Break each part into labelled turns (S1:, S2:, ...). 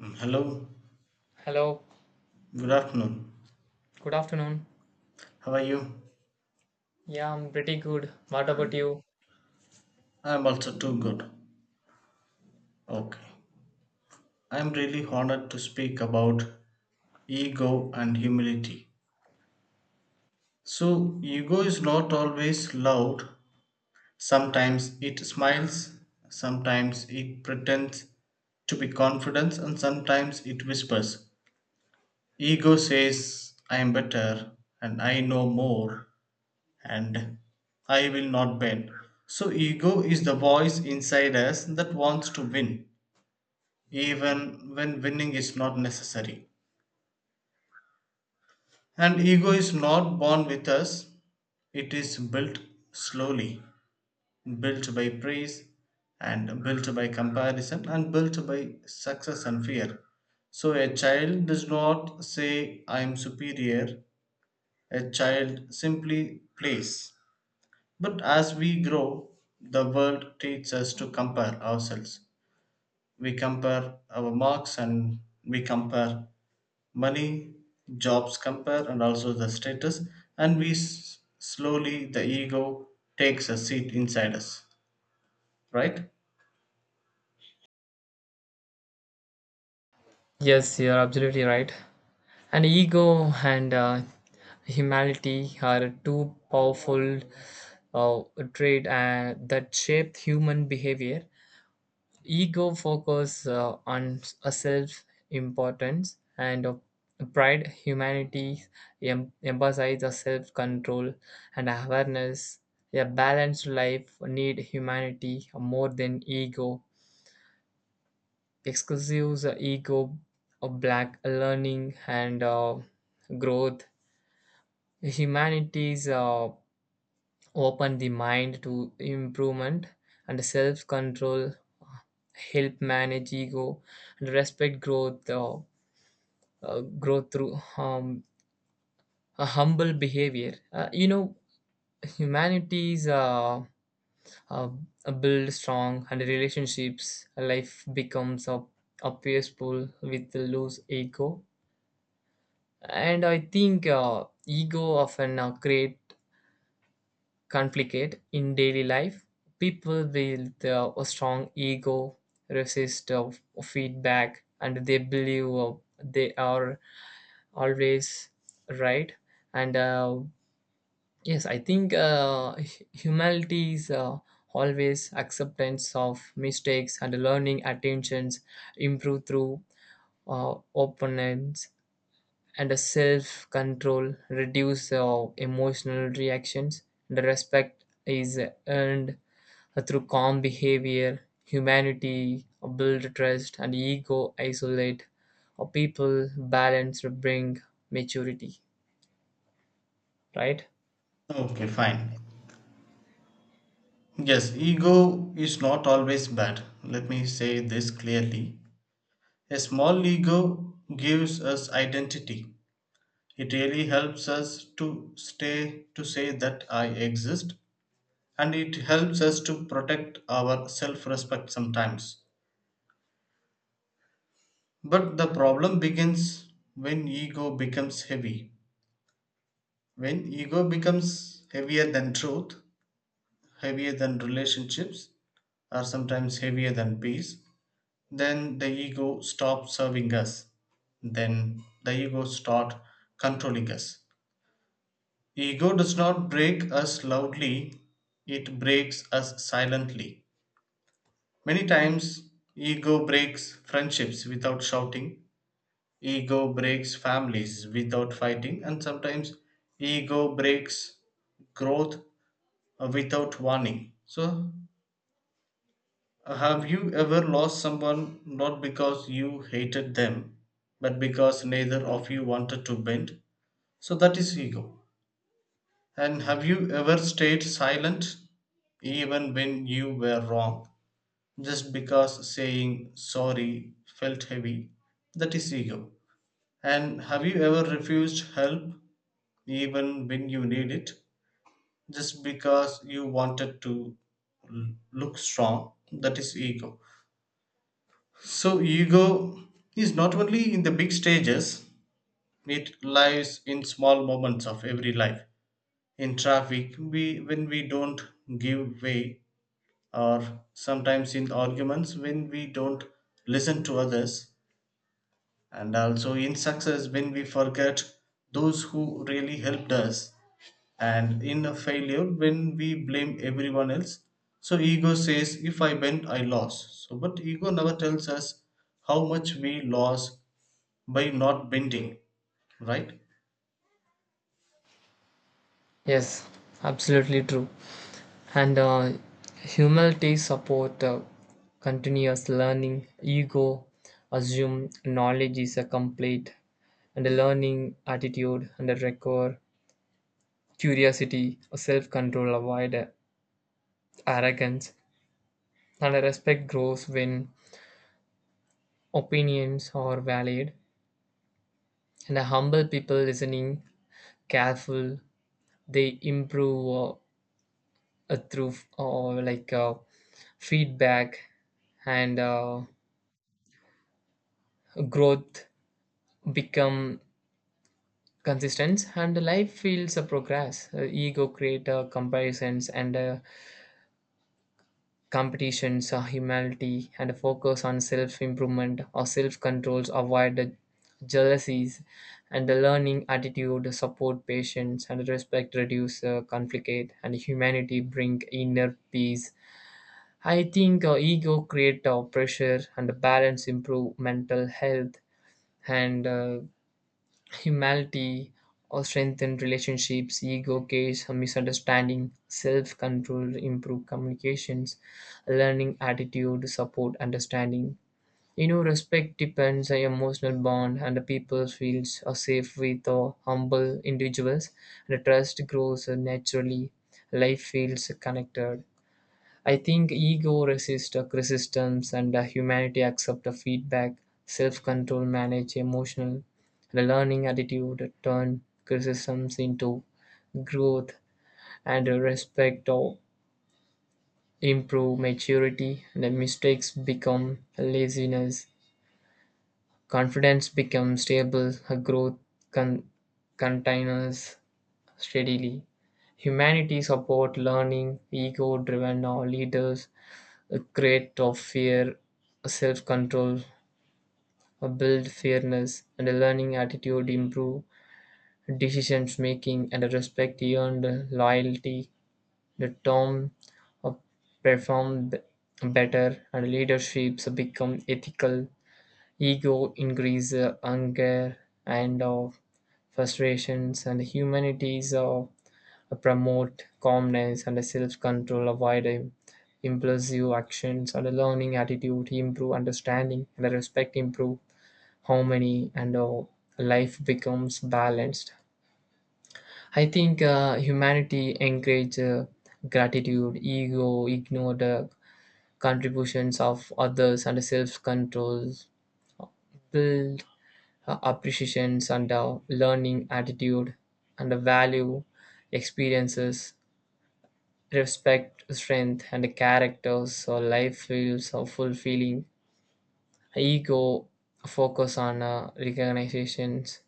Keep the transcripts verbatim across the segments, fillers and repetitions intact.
S1: Mm, hello,
S2: Hello,
S1: good afternoon.
S2: good afternoon.
S1: How are you?
S2: Yeah, I'm pretty good. What about you?
S1: I'm also too good. Okay. I'm really honored to speak about ego and humility. So, ego is not always loud. Sometimes it smiles, sometimes it pretends to be confident, and sometimes it whispers. Ego says, I am better and I know more. And I will not bend. So, ego is the voice inside us that wants to win, even when winning is not necessary. And ego is not born with us, it is built slowly, built by praise, and built by comparison, and built by success and fear. So, a child does not say, I am superior, a child simply plays. But as we grow, the world teaches us to compare ourselves. We compare our marks and we compare money, jobs compare, and also the status. And we s- slowly, the ego takes a seat inside us, right?
S2: Yes, you're absolutely right. And ego and uh, humanity are two powerful uh, traits uh, that shape human behavior. Ego focus uh, on a self importance and uh, pride humanity em- emphasize a self control and awareness. A balanced life need humanity more than ego exclusive uh, ego of black learning and uh, growth humanities uh, open the mind to improvement and self-control help manage ego and respect growth uh, uh, growth through um, a humble behavior uh, you know humanities uh, uh, build strong and relationships life becomes a, a peaceful with loose ego. And I think uh, ego often uh, create conflict in daily life. People with uh, a strong ego resist uh, feedback and they believe uh, they are always right. And uh, yes, I think uh, hu- humility is uh, always acceptance of mistakes and learning attentions improve through uh, opponents and a self control reduce uh, emotional reactions. The respect is earned through calm behavior. Humanity build trust and ego isolate a people. Balance bring maturity, right?
S1: Okay, fine. Yes, ego is not always bad. Let me say this clearly. A small ego gives us identity, it really helps us to stay to say that I exist and it helps us to protect our self-respect sometimes. But the problem begins when ego becomes heavy. When ego becomes heavier than truth, heavier than relationships, or sometimes heavier than peace, then the ego stops serving us. Then the ego starts controlling us. Ego does not break us loudly, it breaks us silently. Many times, ego breaks friendships without shouting, ego breaks families without fighting, and sometimes ego breaks growth uh, without warning. So, uh, have you ever lost someone not because you hated them, but because neither of you wanted to bend? So, that is ego. And have you ever stayed silent even when you were wrong just because saying sorry felt heavy? That is ego. And have you ever refused help even when you need it just because you wanted to l- look strong? That is ego. So, ego is not only in the big stages, it lies in small moments of every life. In traffic, we when we don't give way or sometimes in arguments when we don't listen to others, and also in success when we forget those who really helped us, and in a failure when we blame everyone else. So ego says, if I bend, I lost. So, but ego never tells us how much we lost by not bending, right?
S2: Yes, absolutely true. And uh, humility support uh, continuous learning ego assume knowledge is a complete and a learning attitude and a record curiosity, self control, avoid arrogance, and respect grows when opinions are valued. And a humble people listening, careful, they improve uh, uh, through uh, like uh, feedback and uh, growth become consistent and life feels a progress. Uh, ego create uh, comparisons and uh, competitions, uh, humility, and a focus on self improvement or self controls avoid the jealousies, and the learning attitude support patience and respect reduce uh, conflict, and humanity bring inner peace. I think uh, ego create uh, pressure and balance improve mental health. And uh, humility or strengthen relationships, ego case, misunderstanding, self control, improve communications, learning attitude, support understanding. You know, respect depends on emotional bond and the people feels are safe with or humble individuals and the trust grows naturally. Life feels connected. I think ego resists uh, resistance and uh, humanity accept the feedback, self control manage emotional, the learning attitude turn criticisms into growth, and uh, respect or improve maturity. The mistakes become laziness, confidence becomes stable uh, growth con- continues steadily. Humanity support learning ego driven or leaders a crate of fear, self-control, build fairness, and a learning attitude improve decisions making and respect earned loyalty. The term uh, perform better and leaderships become ethical. Ego increase uh, anger and uh, frustrations and humanities uh, promote calmness and self-control, avoid im- impulsive actions and a learning attitude, improve understanding and respect, improve harmony, and uh, life becomes balanced. I think uh, humanity encourage uh, gratitude, ego, ignore the contributions of others and self-control, build uh, appreciations and uh, learning attitude and uh, value experiences respect, strength, and character. So life feels so fulfilling. Ego focus on uh, recognitions,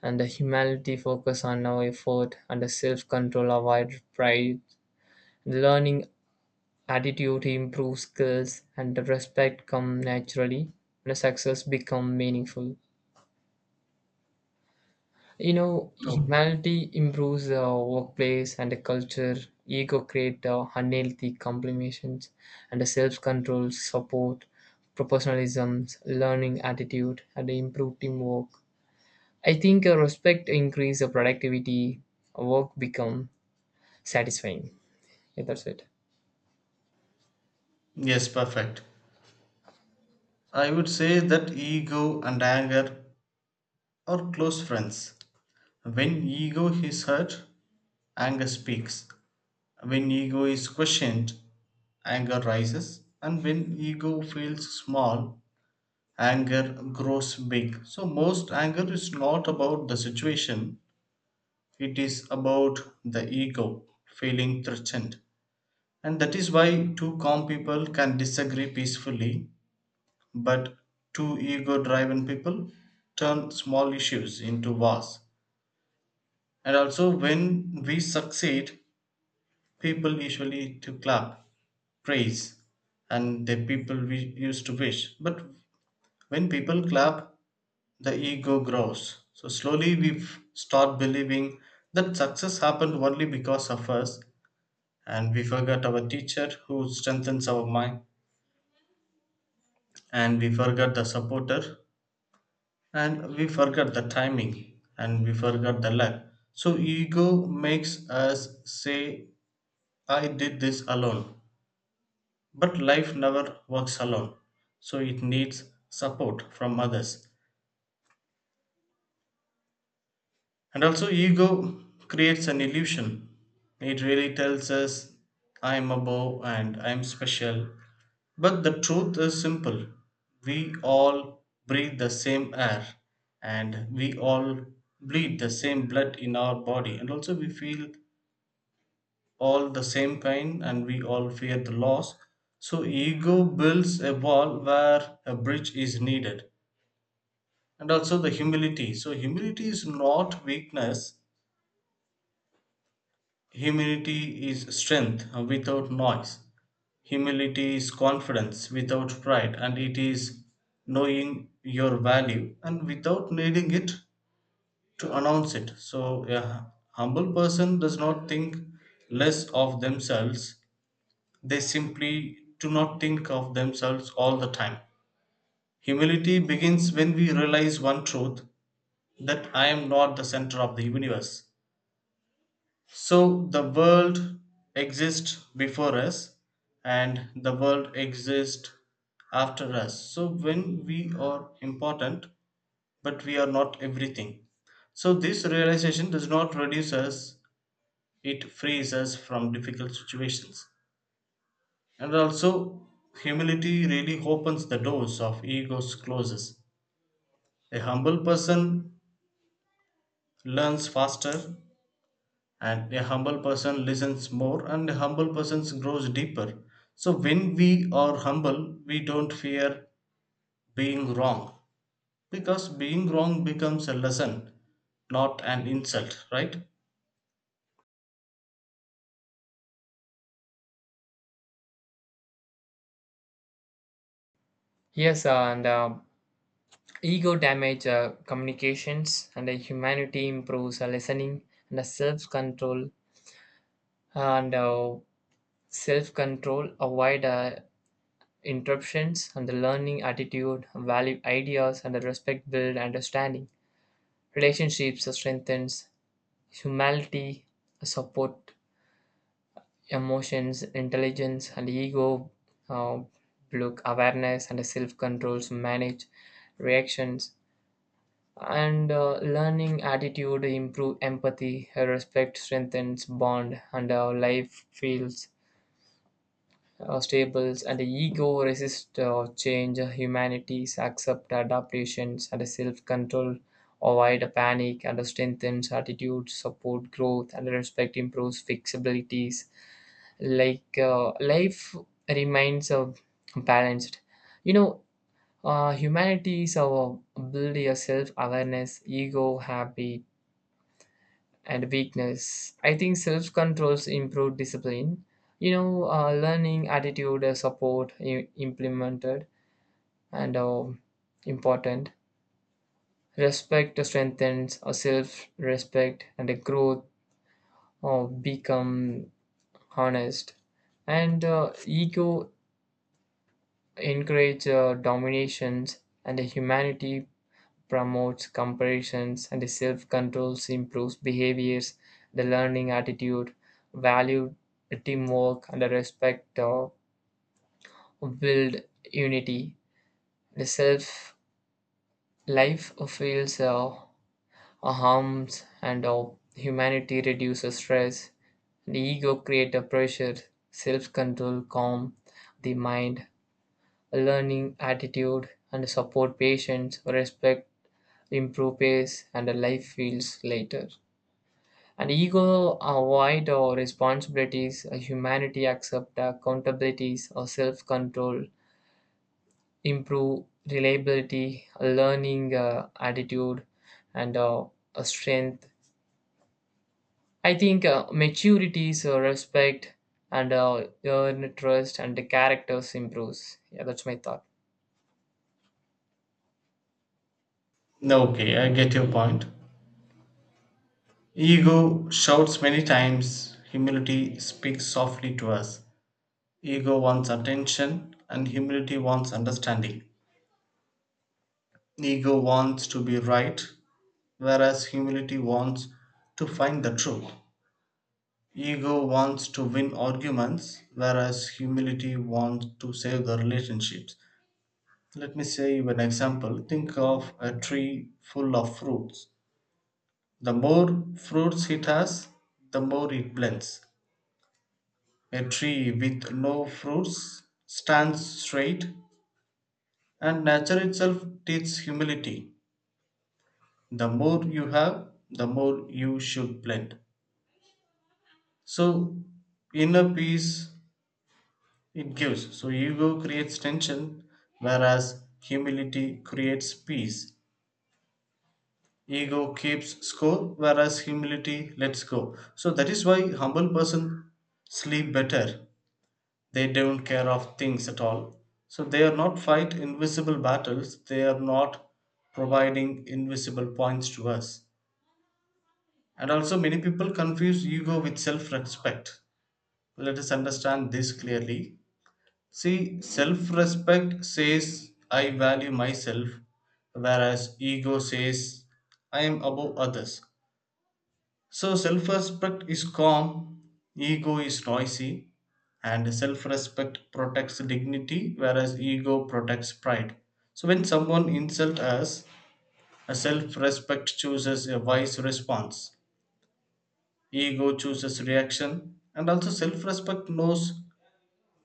S2: and the humanity focus on our effort, and the self control avoid pride. Learning attitude improves skills, and the respect come naturally. And the success become meaningful. You know,
S1: Oh,
S2: humanity improves the workplace and the culture. Ego create uh, unhealthy complimentations and the self-control, support, professionalism, learning attitude, and improve teamwork. I think uh, respect increase the productivity, work become satisfying. Yeah, that's it.
S1: yes, perfect. I would say that ego and anger are close friends. When ego is hurt, anger speaks. When ego is questioned, anger rises, and when ego feels small, anger grows big. So, most anger is not about the situation, it is about the ego feeling threatened. And that is why two calm people can disagree peacefully, but two ego driven people turn small issues into wars. And also, when we succeed, people usually to clap praise and the people we used to wish. But when people clap, the ego grows. So slowly we f- start believing that success happened only because of us, and we forget our teacher who strengthens our mind, and we forget the supporter, and we forget the timing, and we forget the luck. So ego makes us say, "I did this alone." But life never works alone, so it needs support from others. And also, ego creates an illusion. It really tells us, I am above and I am special. But the truth is simple, we all breathe the same air, and we all bleed the same blood in our body, and also we feel all the same pain, and we all fear the loss. So, ego builds a wall where a bridge is needed, and also the humility. So humility is not weakness, humility is strength uh, without noise, humility is confidence without pride, and it is knowing your value and without needing it to announce it. So a humble person does not think less of themselves, they simply do not think of themselves all the time. Humility begins when we realize one truth, that I am not the center of the universe. So the world exists before us and the world exists after us. So when we are important, but we are not everything. So this realization does not reduce us, it frees us from difficult situations. And also, humility really opens the doors of ego's closes. A humble person learns faster, and a humble person listens more, and a humble person grows deeper. So when we are humble, we don't fear being wrong, because being wrong becomes a lesson, not an insult, right?
S2: Yes, uh, and uh, ego damage uh, communications and uh, humanity improves uh, listening and uh, self-control and uh, self control, avoid uh, interruptions, and the learning attitude, value ideas, and the respect build understanding. Relationships strengthens humility, support emotions, intelligence, and ego. Uh, Look awareness and self controls manage reactions and uh, learning attitude improve empathy respect strengthens bond and our life feels uh, stables and the ego resist uh, change, uh, humanities accept adaptations and the self-control avoid a panic and the strengthens attitudes support growth and the respect improves flexibilities like uh, life remains uh, balanced. You know, uh, humanities uh, build a self-awareness ego habit and weakness. I think self controls improve discipline. You know, uh, learning attitude uh, support i- implemented and uh, important. Respect strengthens uh, self respect and the growth uh, become honest. And uh, ego encourage uh, dominations and the humanity promotes comparisons and self-control, improves behaviors, the learning attitude, value teamwork and respect, uh, build unity. The self life feels uh, harms and uh, humanity reduces stress. The ego creates a pressure, self-control calm the mind, a learning attitude and support patience, respect improve pace and a life feels lighter. And ego avoid our responsibilities, a humanity accept accountabilities, or self-control, improve reliability, a learning uh, attitude, and uh, a strength. I think uh, maturity is uh, respect and uh, earn trust and the characters improves. Yeah, that's my thought.
S1: Okay, I get your point. Ego shouts many times, humility speaks softly to us. Ego wants attention and humility wants understanding. Ego wants to be right, whereas humility wants to find the truth. Ego wants to win arguments, whereas humility wants to save the relationships. Let me say you an example. Think of a tree full of fruits. The more fruits it has, the more it blends. A tree with no fruits stands straight, and nature itself teaches humility. The more you have, the more you should blend. So, inner peace it gives. So ego creates tension, whereas humility creates peace. Ego keeps score, whereas humility lets go. So that is why humble person sleep better. They don't care of things at all. So they are not fight invisible battles. They are not providing invisible points to us. And also many people confuse ego with self-respect. Let us understand this clearly. See, self respect says I value myself, whereas ego says I am above others. So, self respect is calm, ego is noisy, and self respect protects dignity, whereas ego protects pride. So, when someone insults us, a self respect chooses a wise response, ego chooses reaction, and also self respect knows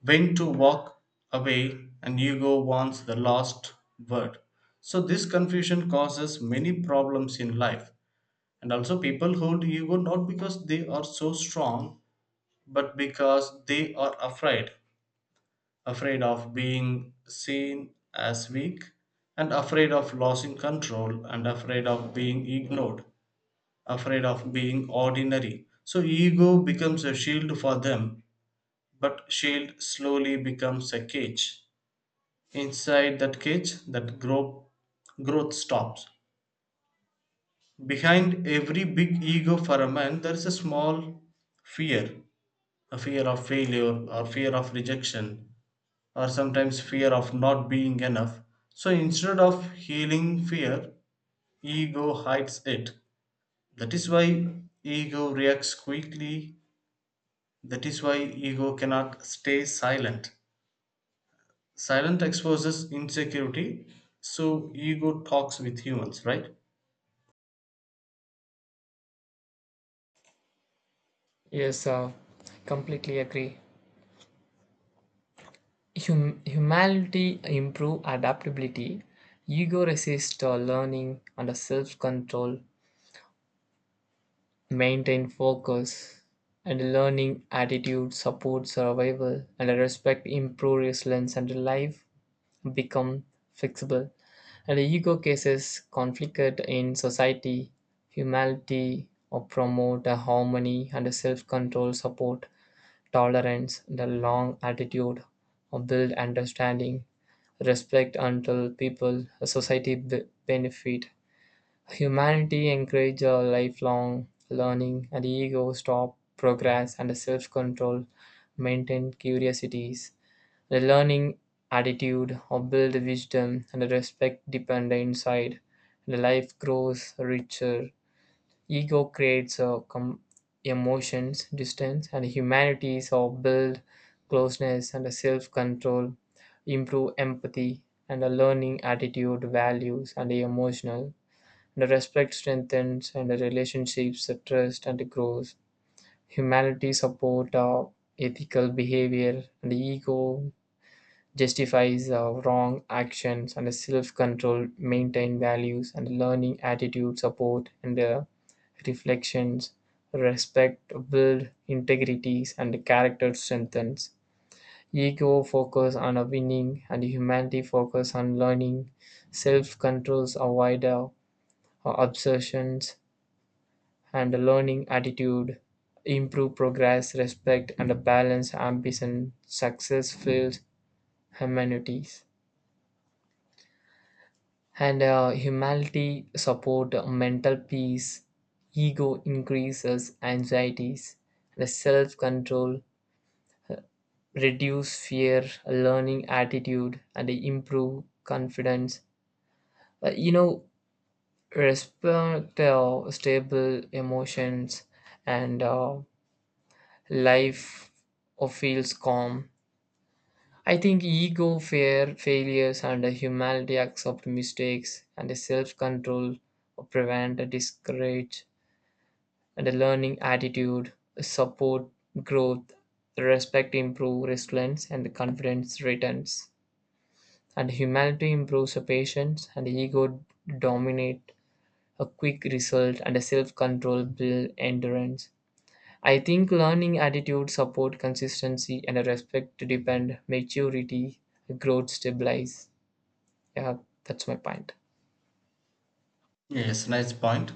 S1: when to walk away, and ego wants the last word. So this confusion causes many problems in life. And also people hold ego not because they are so strong, but because they are afraid. Afraid of being seen as weak, and afraid of losing control, and afraid of being ignored, afraid of being ordinary. So ego becomes a shield for them, but shield slowly becomes a cage. Inside that cage, that grow, growth stops. Behind every big ego for a man, there is a small fear, a fear of failure, or fear of rejection, or sometimes fear of not being enough. So instead of healing fear, ego hides it. That is why ego reacts quickly. That is why ego cannot stay silent. Silent exposes insecurity, so ego talks with humans, right?
S2: Yes, uh, completely agree. Hum- humanity improve adaptability, ego resist uh, learning and self control maintain focus, and learning attitude supports survival, and respect improve resilience, and life become fixable. And the ego cases conflict in society, humanity, or promote a harmony and a self-control, support tolerance, the long attitude, or build understanding, respect until people, a society b- benefit. Humanity encourages lifelong learning, and the ego stop progress and the self-control maintain curiosities. The learning attitude or build wisdom and the respect depend the inside. The life grows richer. Ego creates a com- emotions distance, and humanities or build closeness and a self-control, improve empathy and a learning attitude values and the emotional the respect strengthens and the relationships the trust and it grows. Humanity support our ethical behavior and the ego justifies our wrong actions and the self-control maintain values and learning attitude support and the reflections respect build integrities and the character strengthens ego focus on a winning and humanity focus on learning self controls avoid uh, obsessions and a learning attitude, improve progress, respect, and a balance ambition, success filled humanities. And uh, humanity support uh, mental peace, ego increases anxieties, the self control reduce fear, a learning attitude, and improve confidence. Uh, you know, respect uh, stable emotions and uh, life uh, feels calm. I think ego, fear, failures, and a humanity accept mistakes, and a self control prevent a discourage, and a learning attitude support growth, respect improve resilience, and the confidence returns. And humanity improves a patience, and ego dominate a quick result, and a self control build endurance. I think learning attitude support consistency and a respect to depend maturity growth stabilize. Yeah, that's my point.
S1: Yes, nice point.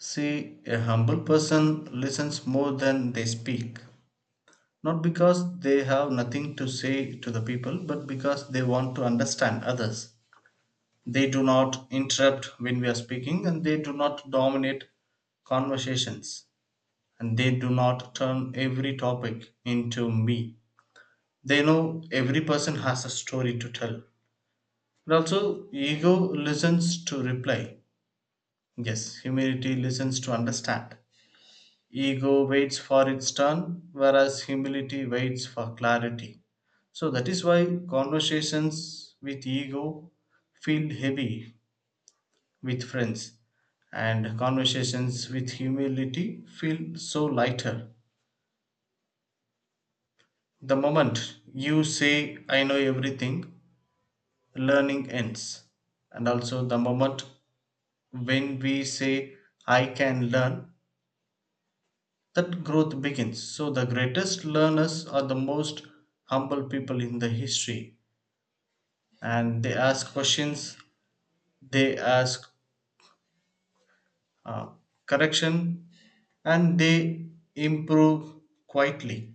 S1: See, a humble person listens more than they speak, not because they have nothing to say to the people, but because they want to understand others. They do not interrupt when we are speaking, and they do not dominate conversations, and they do not turn every topic into me. They know every person has a story to tell. And also, ego listens to reply. Yes, humility listens to understand. Ego waits for its turn, whereas humility waits for clarity. So that is why conversations with ego feel heavy with friends, and conversations with humility feel so lighter. The moment you say, I know everything, learning ends. And also, the moment when we say, I can learn, that growth begins. So the greatest learners are the most humble people in the history, and they ask questions, they ask uh, correction, and they improve quietly.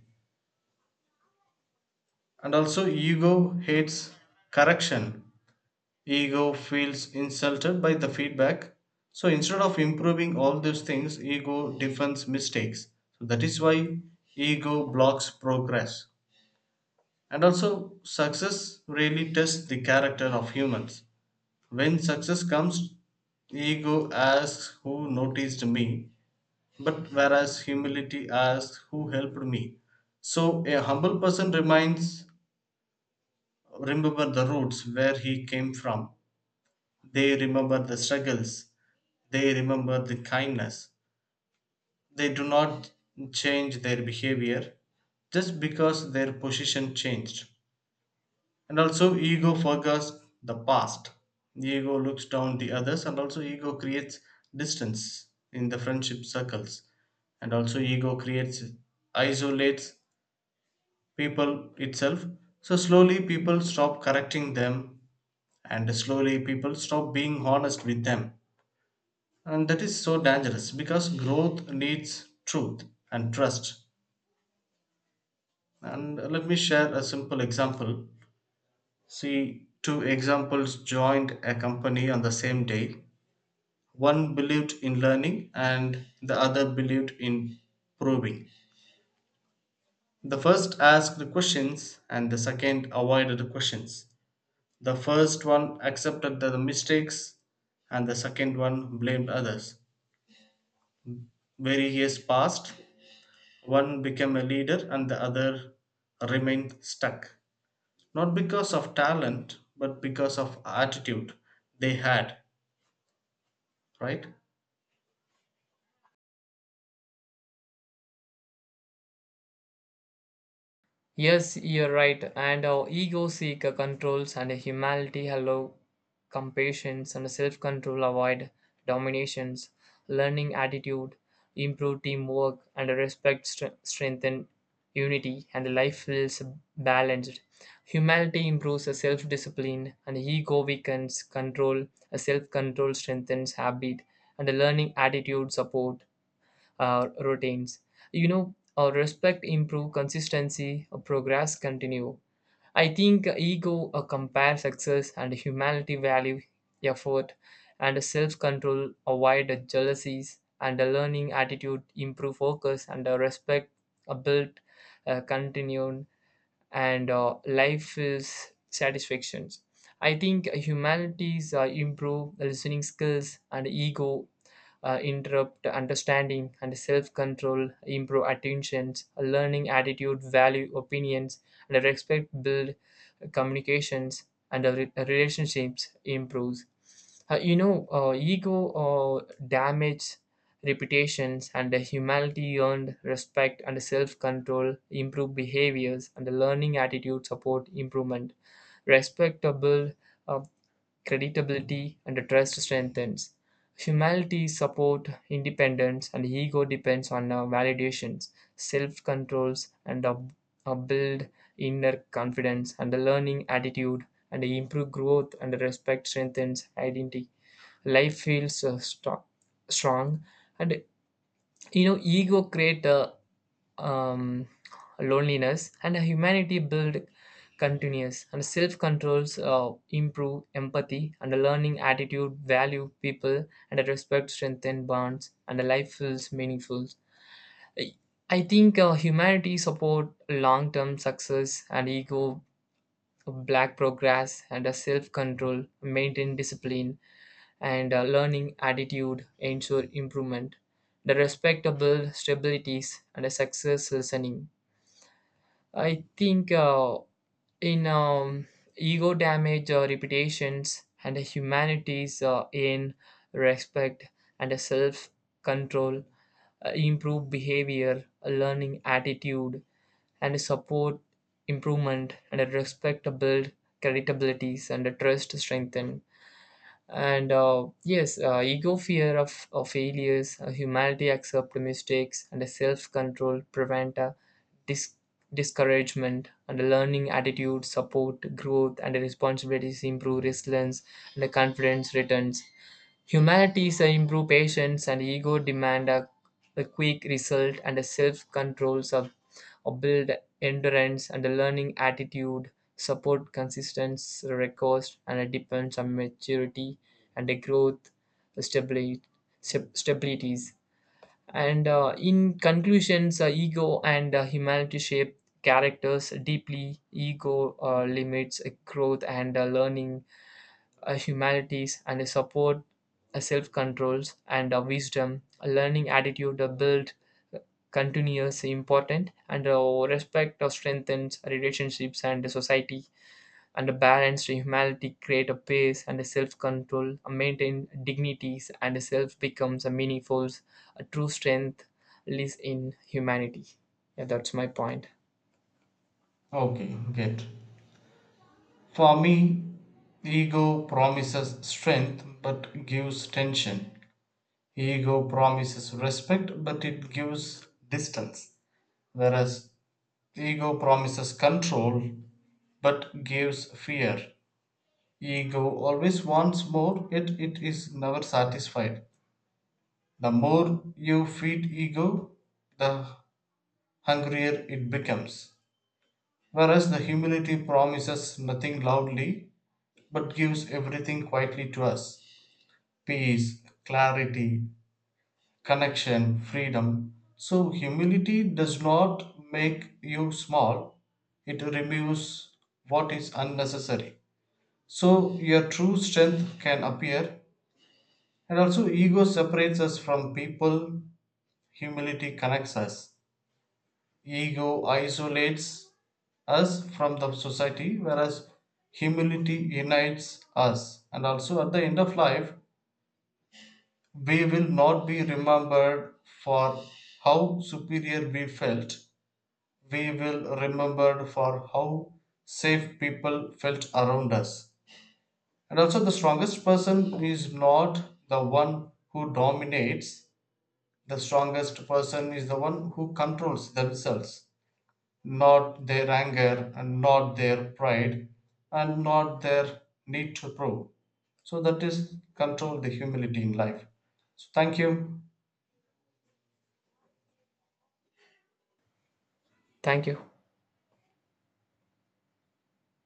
S1: And also, ego hates correction. Ego feels insulted by the feedback. So instead of improving all those things, ego defends mistakes. So that is why ego blocks progress. And also, success really tests the character of humans. When success comes, ego asks who noticed me, but whereas humility asks who helped me. So, a humble person reminds, remember the roots where he came from. They remember the struggles. They remember the kindness. They do not change their behavior just because their position changed. And also ego forgets the past. Ego looks down the others, and also ego creates distance in the friendship circles, and also ego creates isolates people itself. So slowly people stop correcting them, and slowly people stop being honest with them, and that is so dangerous because growth needs truth and trust. And let me share a simple example. See, two examples joined a company on the same day. One believed in learning and the other believed in proving. The first asked the questions and the second avoided the questions. The first one accepted the mistakes and the second one blamed others. Very years passed, one became a leader and the other remained stuck. Not because of talent, but because of attitude they had, right?
S2: Yes, you're right. And our ego seeker controls and humanity hello compassion and self control avoid dominations, learning attitude, improve teamwork and respect stre- strengthen unity and the life feels balanced. Humanity improves a self discipline and ego weakens control, a self control strengthens habit and a learning attitude support uh, routines. You know, uh, respect improve consistency, uh, progress continue. I think ego uh, compare success and humanity value effort and self-control avoid jealousies and a learning attitude improve focus and a respect a build uh, continued and uh, life is satisfactions. I think humanities uh, improve listening skills and ego uh, interrupt understanding and self-control improve attentions learning attitude value opinions and a respect build communications and re- relationships improves. Uh, you know, uh, ego uh, damage reputations and the humility earned respect and self-control improve behaviors and the learning attitude support improvement respectable uh, credibility and trust strengthens. Humanity's support, independence, and ego depends on uh, validations, self-controls, and a, a build inner confidence and a learning attitude and improve growth and respect strengthens identity. Life feels uh, sto- strong. And you know ego create uh, um, loneliness and humanity build continuous and self controls uh, improve empathy and a learning attitude value people and a respect strengthen bonds and a life feels meaningful. i I think uh, humanity support long term success and ego black progress and a self control maintain discipline and uh, learning attitude ensure improvement the respectable stabilities and a success listening. I think uh, in um, ego damage uh, reputations and humanities uh, in respect and a self control uh, improve behavior a learning attitude and support improvement and a respect build creditabilities and a trust strengthen. And uh, yes, uh, ego fear of, of failures, uh, humanity accept mistakes and a self-control prevent a dis- discouragement and a learning attitude support growth and a responsibilities improve resilience and a confidence returns. Humanity's improved patience and ego demand a, a quick result, and self control sub or build endurance and a learning attitude, support consistency, recourse, and it depends on maturity and a growth stability, stabilities. And uh, in conclusions, uh, ego and uh, humanity shape characters deeply. Ego uh, limits uh, growth and uh, learning a humanities and a support, a self-controls and a wisdom, a learning attitude a build continuous important and a respect of strengthens relationships and the society and a balanced humanity create a pace and a self-control, a maintain dignities and a self becomes a meaningful, a true strength lives in humanity. Yeah, that's my point.
S1: Okay, get. For me, ego promises strength but gives tension. Ego promises respect but it gives distance. Whereas ego promises control but gives fear. Ego always wants more, yet it is never satisfied. The more you feed ego, the hungrier it becomes. Whereas the humility promises nothing loudly but gives everything quietly to us, peace, clarity, connection, freedom. So, humility does not make you small, it removes what is unnecessary. So, your true strength can appear, and also, ego separates us from people, humility connects us. Ego isolates us from the society, whereas humility unites us. And also, at the end of life, we will not be remembered for how superior we felt. We will remembered for how safe people felt around us. And also the strongest person is not the one who dominates. The strongest person is the one who controls themselves, not their anger and not their pride and not their need to prove. So that is control the humility in life. So thank you.
S2: Thank you.